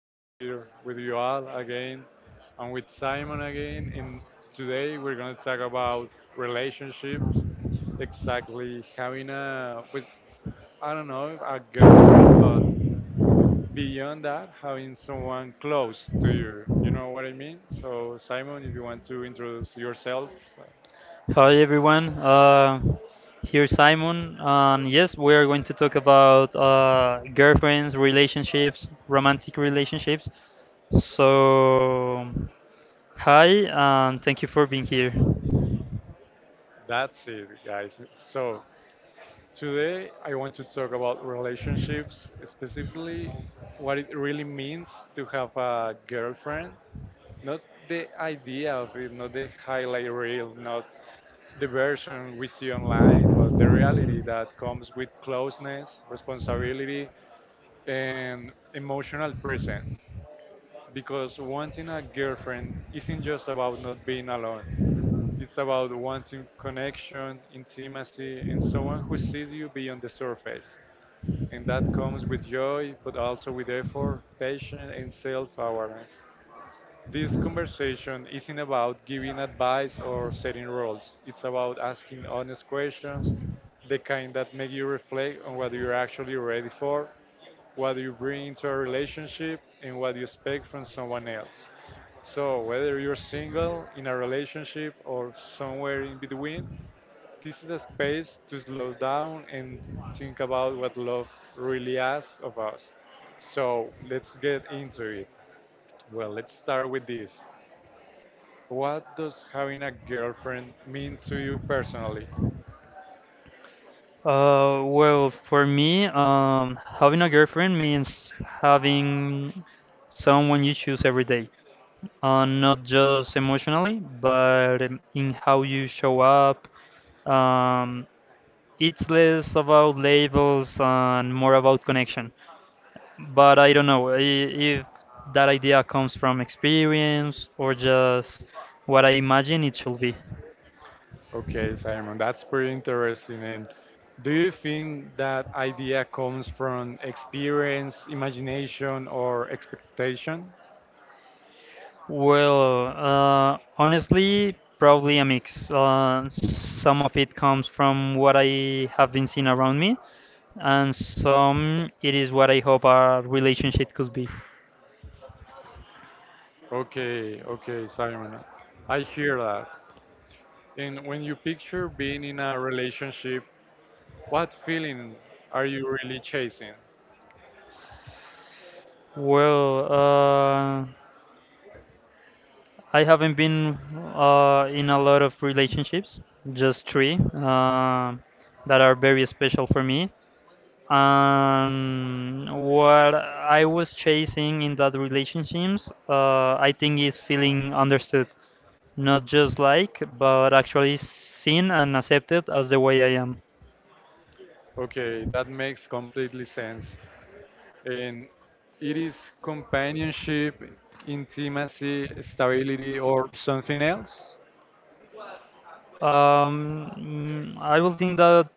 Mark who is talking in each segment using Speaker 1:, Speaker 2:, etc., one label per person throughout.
Speaker 1: I'm here with you all again. And with Simon again, and today we're going to talk about relationships. Exactly, having a, with, I don't know, a girlfriend, but beyond that, having someone close to you. You know what I mean? So, Simon, if you want to introduce yourself,
Speaker 2: Hi everyone. Here Simon, and yes, we are going to talk about girlfriends, relationships, romantic relationships. So, hi, and thank you for being here.
Speaker 1: that's it, guys. So, today, I want to talk about relationships, specifically what it really means to have a girlfriend. Not the idea of it, not the highlight reel, not the version we see online, but the reality that comes with closeness, responsibility, and emotional presence. Because wanting a girlfriend isn't just about not being alone. It's about wanting connection, intimacy, and someone who sees you beyond the surface, and that comes with joy, but also with effort, patience, and self awareness. This conversation isn't about giving advice or setting rules, it's about asking honest questions, the kind that make you reflect on what you're actually ready for, what you bring into a relationship, and what you expect from someone else. So, whether you're single, in a relationship, or somewhere in between, this is a space to slow down and think about what love really asks of us. So let's get into it. Well, let's start with this. What does having a girlfriend mean to you personally?
Speaker 2: For me, having a girlfriend means having someone you choose every day, not just emotionally, but in how you show up, um, it's less about labels and more about connection. But I don't know if that idea comes from experience or just what I imagine it should be.
Speaker 1: Okay, Simon, that's pretty interesting. And do you think that idea comes from experience, imagination, or expectation?
Speaker 2: Well, honestly, probably a mix. Some of it comes from what I have been seeing around me, and some it is what I hope our relationship could be.
Speaker 1: Okay, okay, Simon. I hear that. And when you picture being in a relationship, what feeling are you really chasing?
Speaker 2: Well, I haven't been in a lot of relationships, just three that are very special for me. And what I was chasing in that relationships, I think is feeling understood, not just like, but actually seen and accepted as the way I am.
Speaker 1: Okay, that makes completely sense. And it is companionship, intimacy, stability, or something else?
Speaker 2: I will think that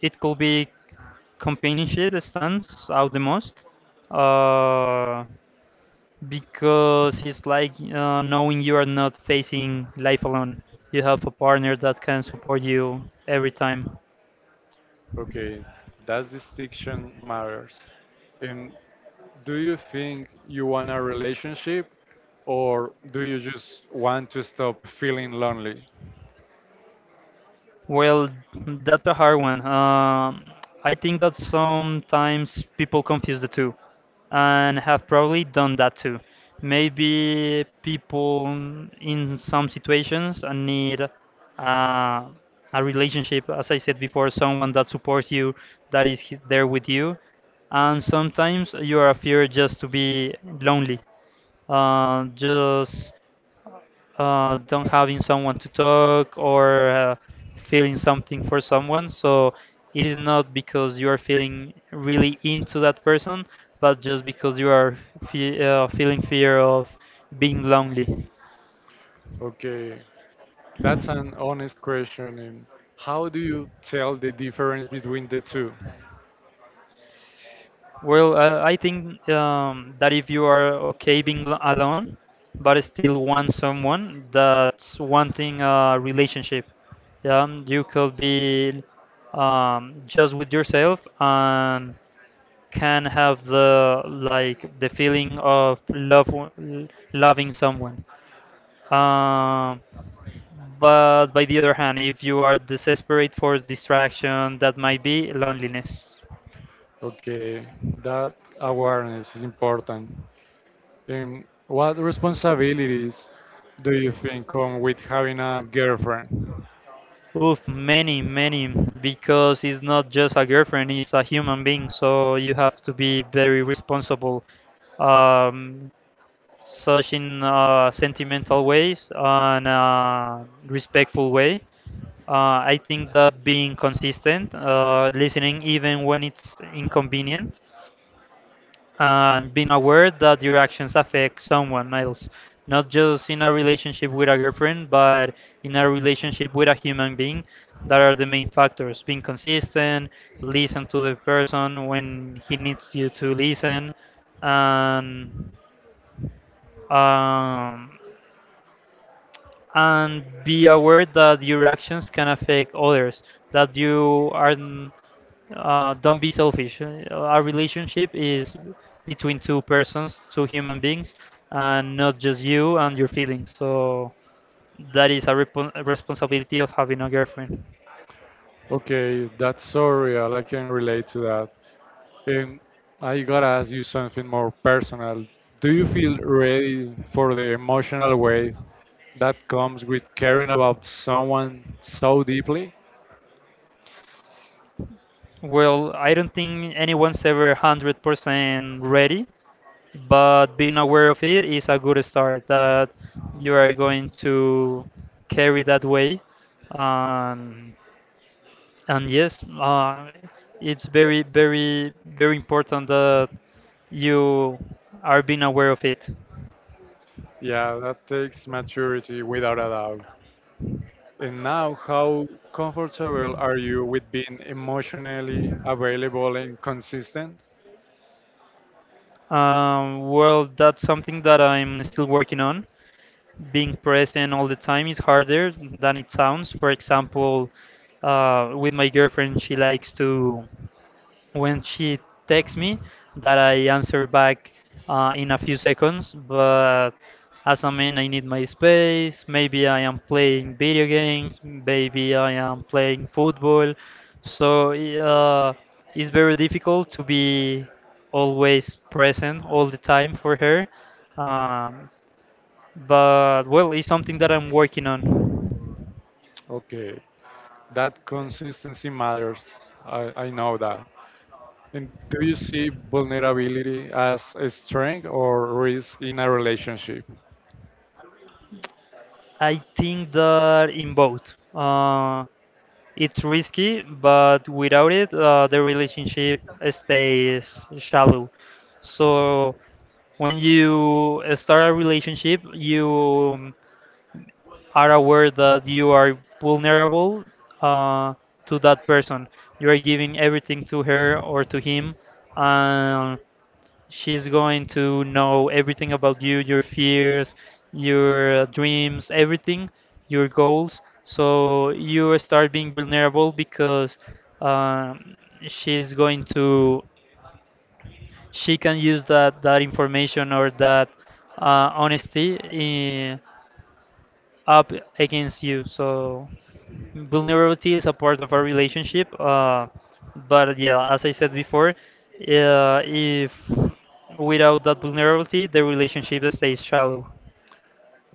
Speaker 2: it could be companionship that stands out the most. Uh, because it's like knowing you are not facing life alone. You have a partner that can support you every time.
Speaker 1: Okay, that distinction matters. And do you think you want a relationship or do you just want to stop feeling lonely?
Speaker 2: Well, that's a hard one. I think that sometimes people confuse the two and have probably done that too. Maybe people in some situations need a relationship, as I said before, someone that supports you, that is there with you. And sometimes you are afraid just to be lonely. Just Don't having someone to talk or feeling something for someone. So it is not because you are feeling really into that person, but just because you are feeling fear of being lonely.
Speaker 1: Okay, that's an honest question. And how do you tell the difference between the two?
Speaker 2: Well, I think that if you are okay being alone, but still want someone, that's wanting a relationship. Yeah, you could be just with yourself and can have the like the feeling of love loving someone. Um, but by the other hand, if you are desperate for distraction, that might be loneliness.
Speaker 1: Okay, that awareness is important. And what responsibilities do you think come with having a girlfriend?
Speaker 2: Oof, many, many, because it's not just a girlfriend, it's a human being, so you have to be very responsible, um, such in a sentimental ways and a respectful way. I think that being consistent, listening even when it's inconvenient, and being aware that your actions affect someone else, not just in a relationship with a girlfriend, but in a relationship with a human being, that are the main factors. Being consistent, listen to the person when he needs you to listen, and um, and be aware that your actions can affect others that don't be selfish. A relationship is between two persons, two human beings, and not just you and your feelings, so that is a, repon a responsibility of having a girlfriend.
Speaker 1: Okay, that's so real. I can relate to that. And I gotta ask you something more personal. Do you feel ready for the emotional weight that comes with caring about someone so deeply?
Speaker 2: Well, I don't think anyone's ever 100% ready, but being aware of it is a good start that you are going to carry that way. Um, and yes, it's very, very, very important that you are being aware of it.
Speaker 1: Yeah, that takes maturity without a doubt. And now, how comfortable are you with being emotionally available and consistent?
Speaker 2: Well, that's something that I'm still working on. Being present all the time is harder than it sounds. For example, with my girlfriend, she likes to, when she texts me, that I answer back in a few seconds. But as a man, I need my space. Maybe I am playing video games. Maybe I am playing football. So it's very difficult to be always present all the time for her. Um, but well, it's something that I'm working on.
Speaker 1: Okay, that consistency matters. I know that. And do you see vulnerability as a strength or risk in a relationship?
Speaker 2: I think that in both, it's risky, but without it, the relationship stays shallow. So when you start a relationship, you are aware that you are vulnerable uh, to that person. You are giving everything to her or to him, and she's going to know everything about you, your fears, your dreams, everything, your goals. So you start being vulnerable because um, she's going to, she can use that information or that honesty in, up against you. So vulnerability is a part of our relationship. But yeah, as I said before, if without that vulnerability, the relationship stays shallow.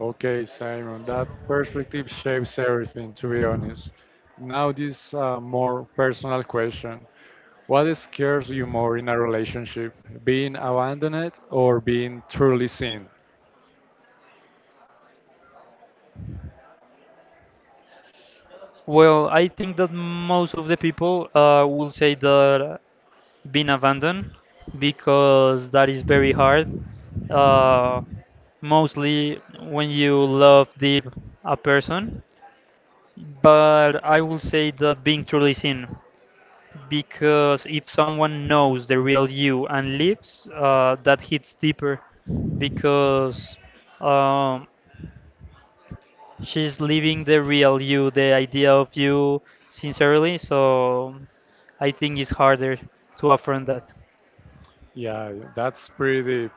Speaker 1: Okay, Simon, that perspective shapes everything, to be honest. Now, this more personal question. What scares you more in a relationship, being abandoned or being truly seen?
Speaker 2: Well, I think that most of the people will say that being abandoned, because that is very hard. Uh, mostly when you love deep a person, but I will say that being truly seen, because if someone knows the real you and leaves, that hits deeper because um, she's leaving the real you, the idea of you sincerely. So I think it's harder to affront that.
Speaker 1: Yeah, that's pretty deep.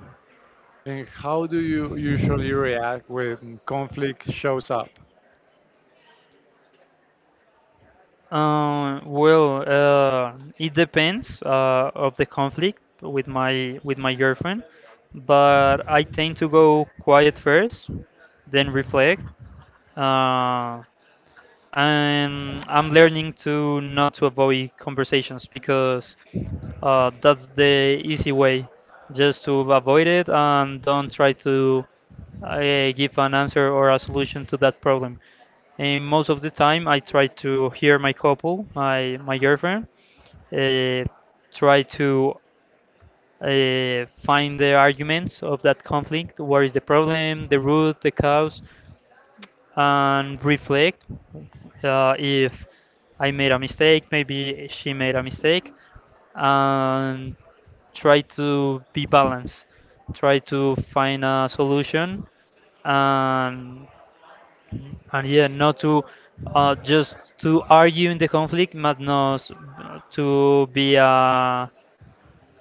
Speaker 1: And how do you usually react when conflict shows up?
Speaker 2: Uh, well, uh, it depends of the conflict with my girlfriend, but I tend to go quiet first, then reflect. Uh, I'm learning to not to avoid conversations because that's the easy way, just to avoid it and don't try to give an answer or a solution to that problem. And most of the time, I try to hear my couple, my girlfriend, uh, try to find the arguments of that conflict. Where is the problem, the root, the cause, and reflect if I made a mistake, maybe she made a mistake, and try to be balanced, try to find a solution, and yeah, not to just to argue in the conflict, but not to be a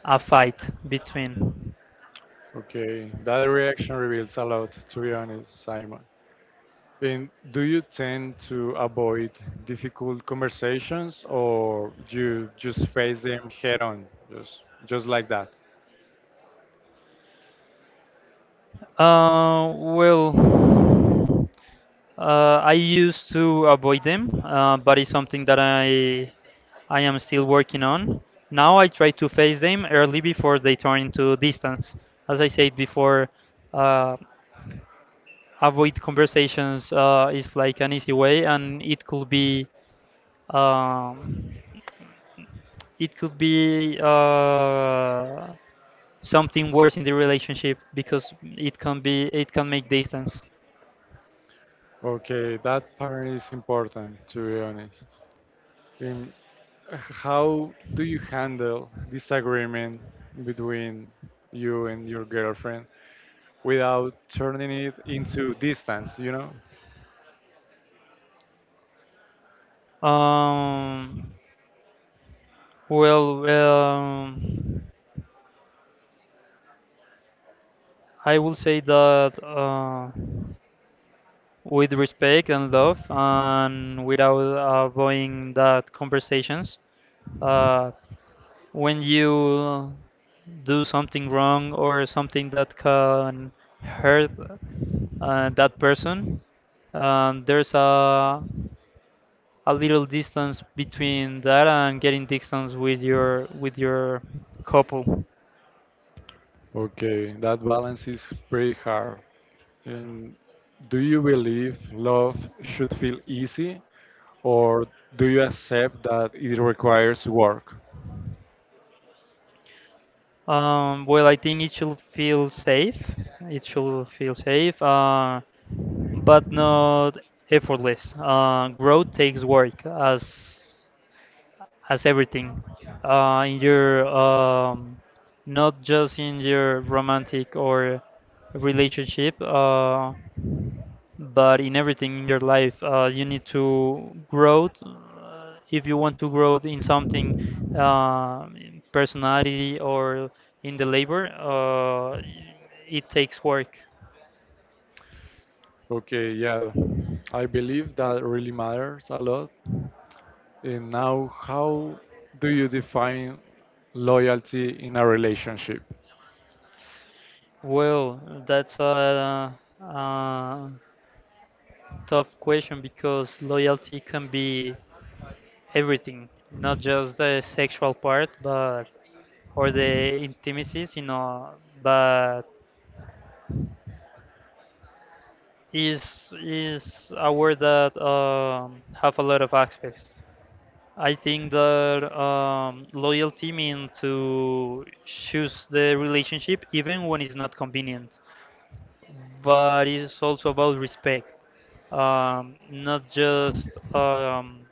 Speaker 2: fight between.
Speaker 1: Okay, that reaction reveals a lot, to be honest, Simon. And do you tend to avoid difficult conversations or you just face them head on, just like that?
Speaker 2: Uh, well, I used to avoid them, but it's something that I am still working on. Now I try to face them early before they turn into distance. As I said before, uh, avoid conversations is like an easy way, and um, it could be something worse in the relationship because it can make distance.
Speaker 1: Okay, that part is important, to be honest. And how do you handle disagreement between you and your girlfriend, without turning it into distance, you know?
Speaker 2: Um, well, um, I will say that with respect and love, and without avoiding that conversations, uh, when you do something wrong or something that can hurt that person, there's a little distance between that and getting distance with your couple.
Speaker 1: Okay, that balance is pretty hard. And do you believe love should feel easy or do you accept that it requires work?
Speaker 2: I think it should feel safe. It should feel safe, but not effortless. Growth takes work, as everything in your not just in your romantic or relationship. But in everything in your life you need to grow if you want to grow in something in personality or in the labor it takes work.
Speaker 1: Okay, yeah, I believe that really matters a lot. And now, how do you define loyalty in a relationship?
Speaker 2: Well, that's a tough question because loyalty can be everything, not just the sexual part but or the intimacies, you know, but is a word that have a lot of aspects. I think that loyalty means to choose the relationship even when it's not convenient, but it's also about respect, um, not just um,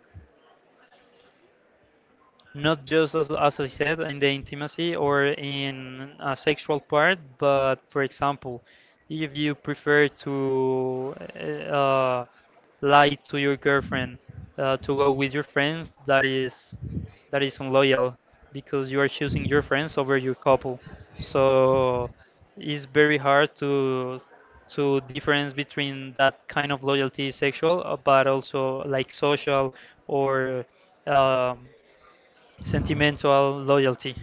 Speaker 2: not just as I said in the intimacy or in a sexual part, but for example, if you prefer to lie to your girlfriend to go with your friends, that is unloyal because you are choosing your friends over your couple. So it's very hard to difference between that kind of loyalty, sexual, but also like social or um, sentimental loyalty.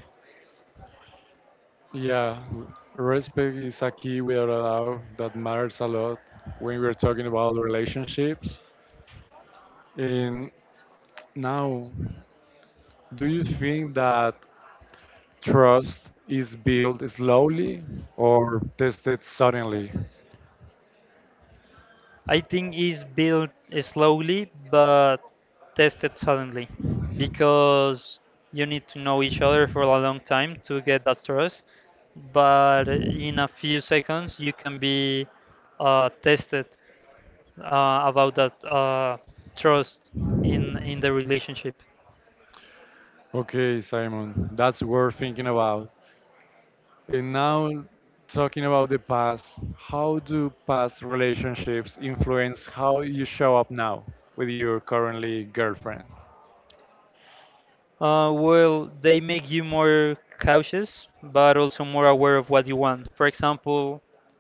Speaker 1: Yeah, w- respect is a key without a doubt that matters a lot when we're talking about relationships. And now, do you think that trust is built slowly or tested suddenly?
Speaker 2: I think is built slowly but tested suddenly, because you need to know each other for a long time to get that trust. But in a few seconds, you can be tested about that trust in the relationship.
Speaker 1: Okay, Simon, that's worth thinking about. And now, talking about the past, how do past relationships influence how you show up now with your currently girlfriend?
Speaker 2: Well, they make you more cautious, but also more aware of what you want. For example,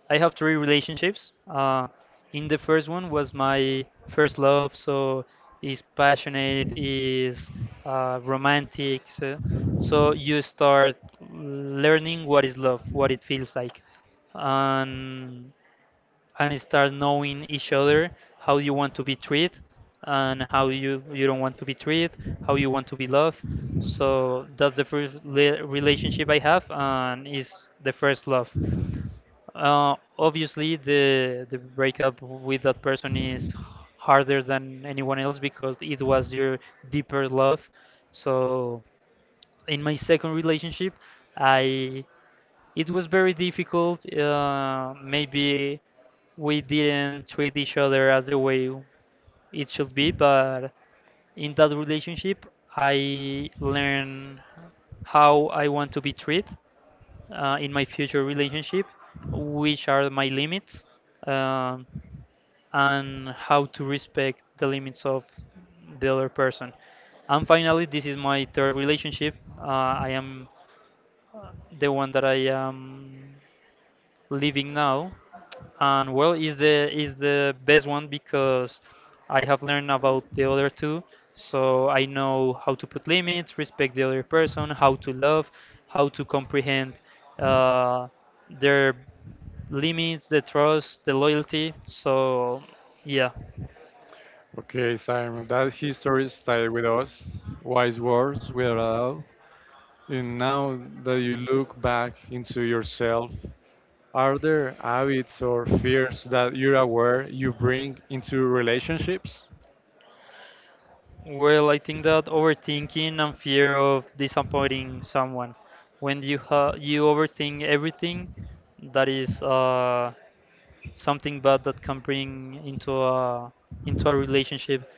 Speaker 2: I have three relationships. In the first one was my first love, so is passionate, is romantic. So you start learning what is love, what it feels like, and start knowing each other, how you want to be treated and how you don't want to be treated, how you want to be loved. So that's the first relationship I have and is the first love. Uh, obviously the breakup with that person is harder than anyone else because it was your deeper love. So in my second relationship, I it was very difficult. Maybe we didn't treat each other as the way it should be, but in that relationship, I learned how I want to be treated in my future relationship, which are my limits, um, and how to respect the limits of the other person. And finally, this is my third relationship. I am the one that I am living now. And well, is the best one because I have learned about the other two, so I know how to put limits, respect the other person, how to love, how to comprehend uh, their limits, the trust, the loyalty. So yeah.
Speaker 1: Okay, Simon, that history stayed with us, wise words without a doubt. And now that you look back into yourself, are there habits or fears that you're aware you bring into relationships?
Speaker 2: Well, I think that overthinking and fear of disappointing someone, when you overthink everything, that is something bad that can bring into a relationship,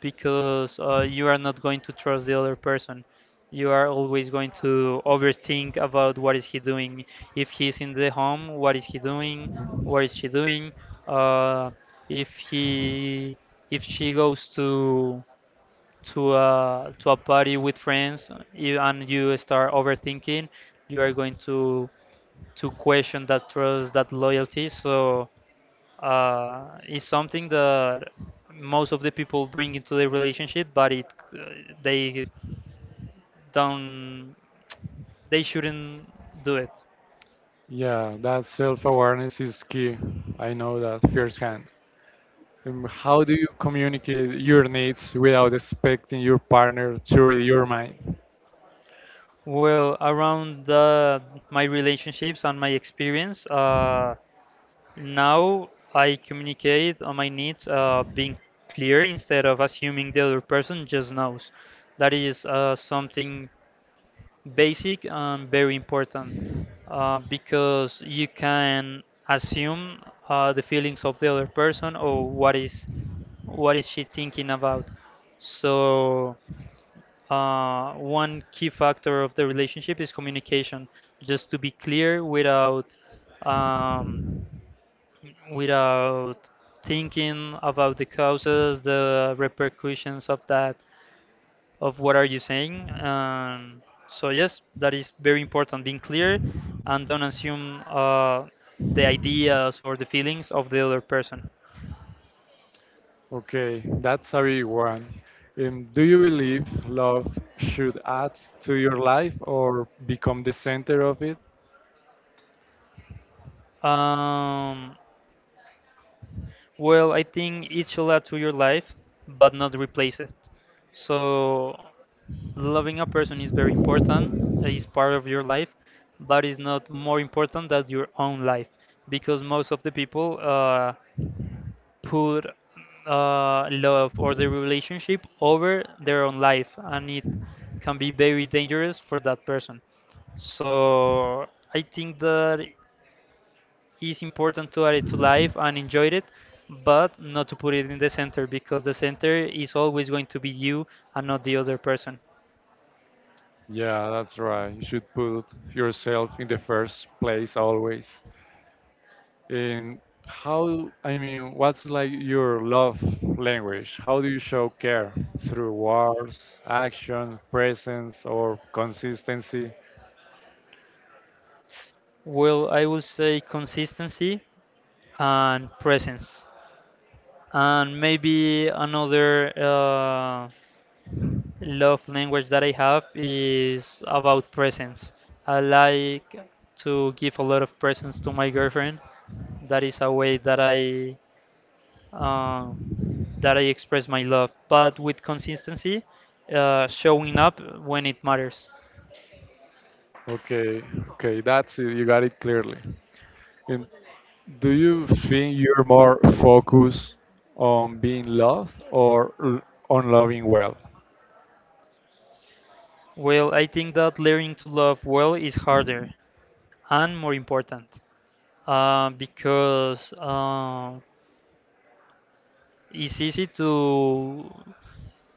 Speaker 2: because you are not going to trust the other person. You are always going to overthink about what is he doing. If he's in the home, what is he doing? What is she doing? Uh, if he, if she goes to a party with friends you, and you start overthinking, you are going to question that trust, that loyalty. So is something that most of the people bring into their relationship, but it uh, they don't they shouldn't do it.
Speaker 1: Yeah, that self awareness is key. I know that firsthand. How do you communicate your needs without expecting your partner to read your mind?
Speaker 2: Well, around the, my relationships and my experience, now I communicate on my needs, being clear instead of assuming the other person just knows. That is something basic and very important, because you can assume the feelings of the other person or what is she thinking about. So one key factor of the relationship is communication. Just to be clear without um, without thinking about the causes, the repercussions of that, of what are you saying. So yes, that is very important. Being clear and don't assume the ideas or the feelings of the other person.
Speaker 1: Okay, that's a big one. Do you believe love should add to your life or become the center of it?
Speaker 2: Um, well, I think it should add to your life, but not replace it. So loving a person is very important, is part of your life, but is not more important than your own life, because most of the people put love or the relationship over their own life, and it can be very dangerous for that person. So I think that it's important to add it to life and enjoy it, but not to put it in the center, because the center is always going to be you and not the other person.
Speaker 1: Yeah, that's right. You should put yourself in the first place always. And how, I mean, what's like your love language? How do you show care? Through words, action, presence, or consistency?
Speaker 2: Well, I would say consistency and presence, and maybe another. Love language that I have is about presents. I like to give a lot of presents to my girlfriend. That is a way that um, I express my love, but with consistency, showing up when it matters.
Speaker 1: Okay, okay, that's it. You got it clearly. And do you think you're more focused on being loved or l- on loving well?
Speaker 2: Well, I think that learning to love well is harder and more important, because. It's easy to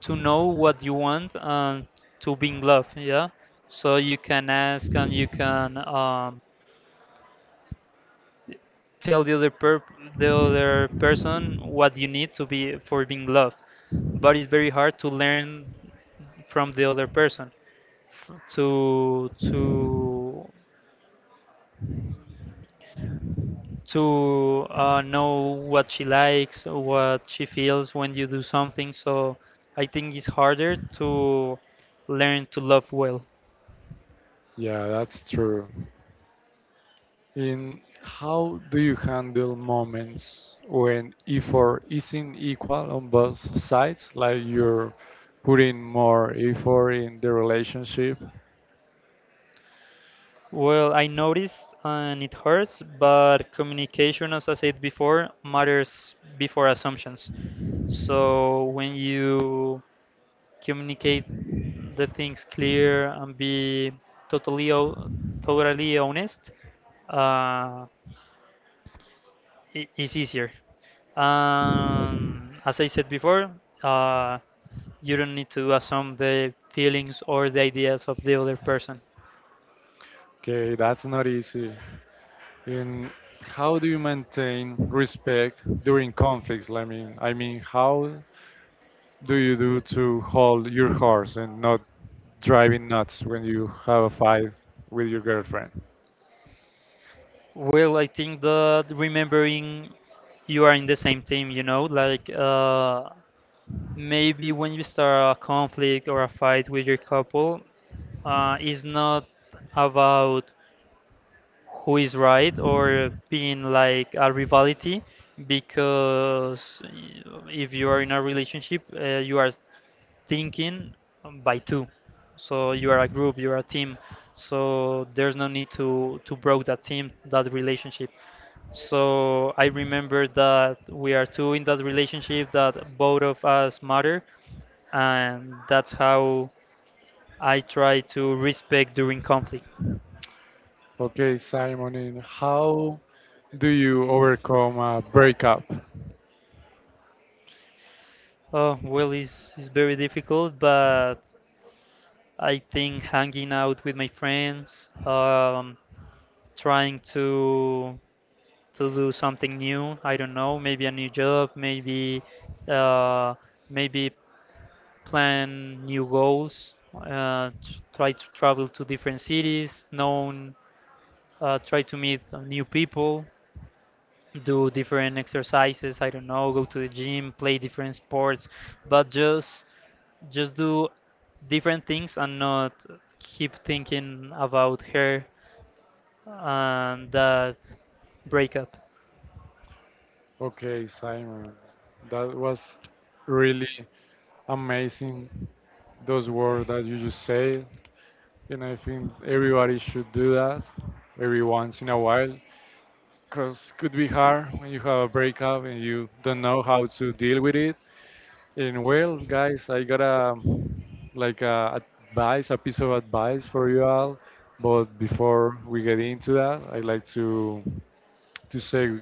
Speaker 2: know what you want and to be in love, yeah? So you can ask and you can tell the other person what you need to be for being loved. But it's very hard to learn from the other person f- to to to know what she likes, what she feels when you do something. So I think it's harder to learn to love well.
Speaker 1: Yeah, that's true. In how do you handle moments when effort isn't equal on both sides, like you're putting more effort in the relationship?
Speaker 2: Well, I noticed and it hurts, but communication, as I said before, matters before assumptions. So when you communicate the things clear and be totally o- totally honest, uh, is easier. As I said before, uh, you don't need to assume the feelings or the ideas of the other person.
Speaker 1: Okay, that's not easy. In how do you maintain respect during conflicts? I mean, how do you do to hold your horse and not driving nuts when you have a fight with your girlfriend?
Speaker 2: Well, I think that remembering you are in the same team, you know, like maybe when you start a conflict or a fight with your couple, it's not about who is right or being like a rivalry, because if you are in a relationship, you are thinking by two. So you are a group, you are a team. So there's no need to broke that team, that relationship. So I remember that we are two in that relationship, that both of us matter, and that's how I try to respect during conflict.
Speaker 1: Okay, Simon, and how do you overcome a breakup?
Speaker 2: Oh, well, it's very difficult, but I think hanging out with my friends, trying to do something new. I don't know, maybe a new job, maybe uh, maybe plan new goals. Tr Try to travel to different cities, known, try to meet new people, do different exercises. I don't know, go to the gym, play different sports, but just do different things and not keep thinking about her and that breakup.
Speaker 1: Okay, Simon, that was really amazing, those words that you just said. And I think everybody should do that every once in a while because it could be hard when you have a breakup and you don't know how to deal with it. And well, guys, I got a like a advice, a piece of advice for you all. But before we get into that, I like to say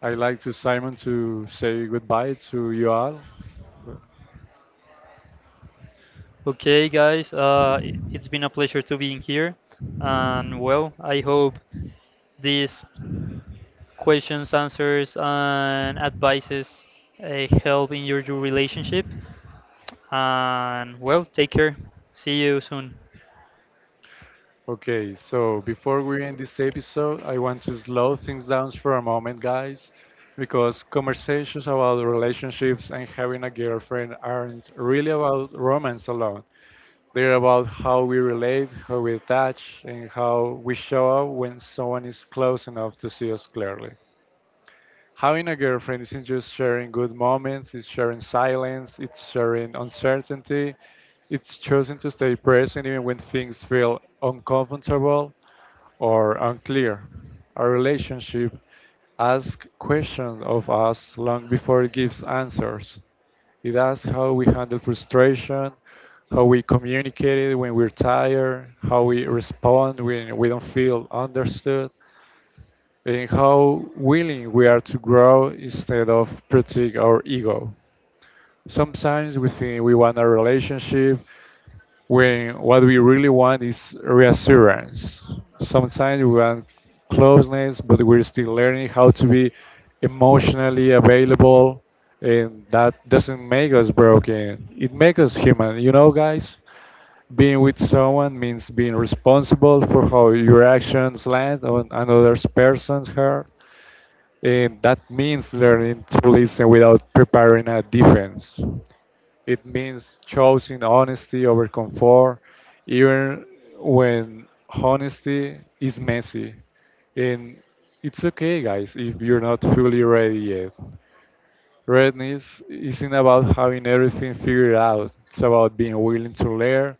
Speaker 1: I like to Simon to say goodbye to you all.
Speaker 2: Okay, guys, it's been a pleasure to being here, and well, I hope these questions, answers, and advices help in your relationship. And well, take care. See you soon.
Speaker 1: Okay, so before we end this episode, I want to slow things down for a moment, guys, because conversations about relationships and having a girlfriend aren't really about romance alone. They're about how we relate, how we attach, and how we show up when someone is close enough to see us clearly. Having a girlfriend isn't just sharing good moments, it's sharing silence, it's sharing uncertainty, it's choosing to stay present even when things feel uncomfortable or unclear. Our relationship asks questions of us long before it gives answers. It asks how we handle frustration, how we communicate it when we're tired, how we respond when we don't feel understood, and how willing we are to grow instead of protect our ego. Sometimes we think we want a relationship when what we really want is reassurance. Sometimes we want closeness, but we're still learning how to be emotionally available, and that doesn't make us broken. It makes us human. You know, guys, being with someone means being responsible for how your actions land on another person's heart. And that means learning to listen without preparing a defense. It means choosing honesty over comfort, even when honesty is messy. And it's okay, guys, if you're not fully ready yet. Readiness isn't about having everything figured out, it's about being willing to learn,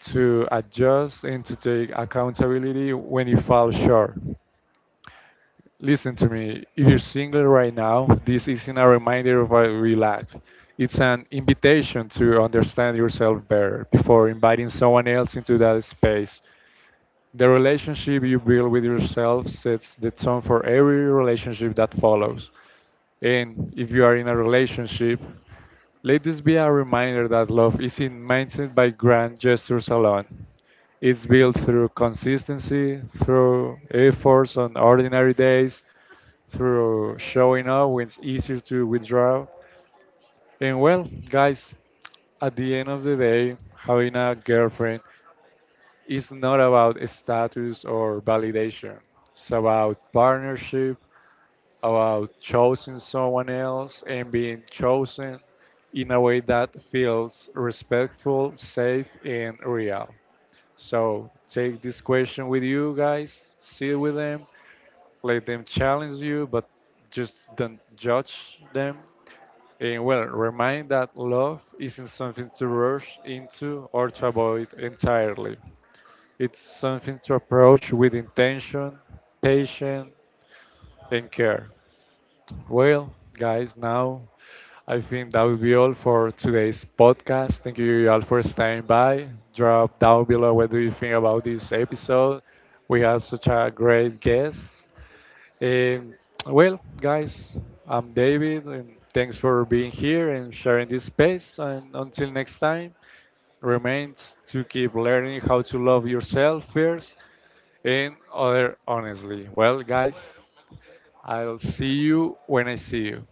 Speaker 1: to adjust, and to take accountability when you fall short. Listen to me. If you're single right now, this isn't a reminder of what we lack. It's an invitation to understand yourself better before inviting someone else into that space. The relationship you build with yourself sets the tone for every relationship that follows. And if you are in a relationship, let this be a reminder that love isn't maintained by grand gestures alone. It's built through consistency, through efforts on ordinary days, through showing up when it's easier to withdraw. And well, guys, at the end of the day, having a girlfriend, it's not about status or validation. It's about partnership, about choosing someone else and being chosen in a way that feels respectful, safe, and real. So take this question with you guys, sit with them, let them challenge you, but just don't judge them. And well, remind that love isn't something to rush into or to avoid entirely. It's something to approach with intention, patience, and care. Well, guys, now I think that will be all for today's podcast. Thank you all for staying by. Drop down below what do you think about this episode. We have such a great guest. And well, guys, I'm David, and thanks for being here and sharing this space. And until next time, remains to keep learning how to love yourself first and other honestly. Well, guys, I'll see you when I see you.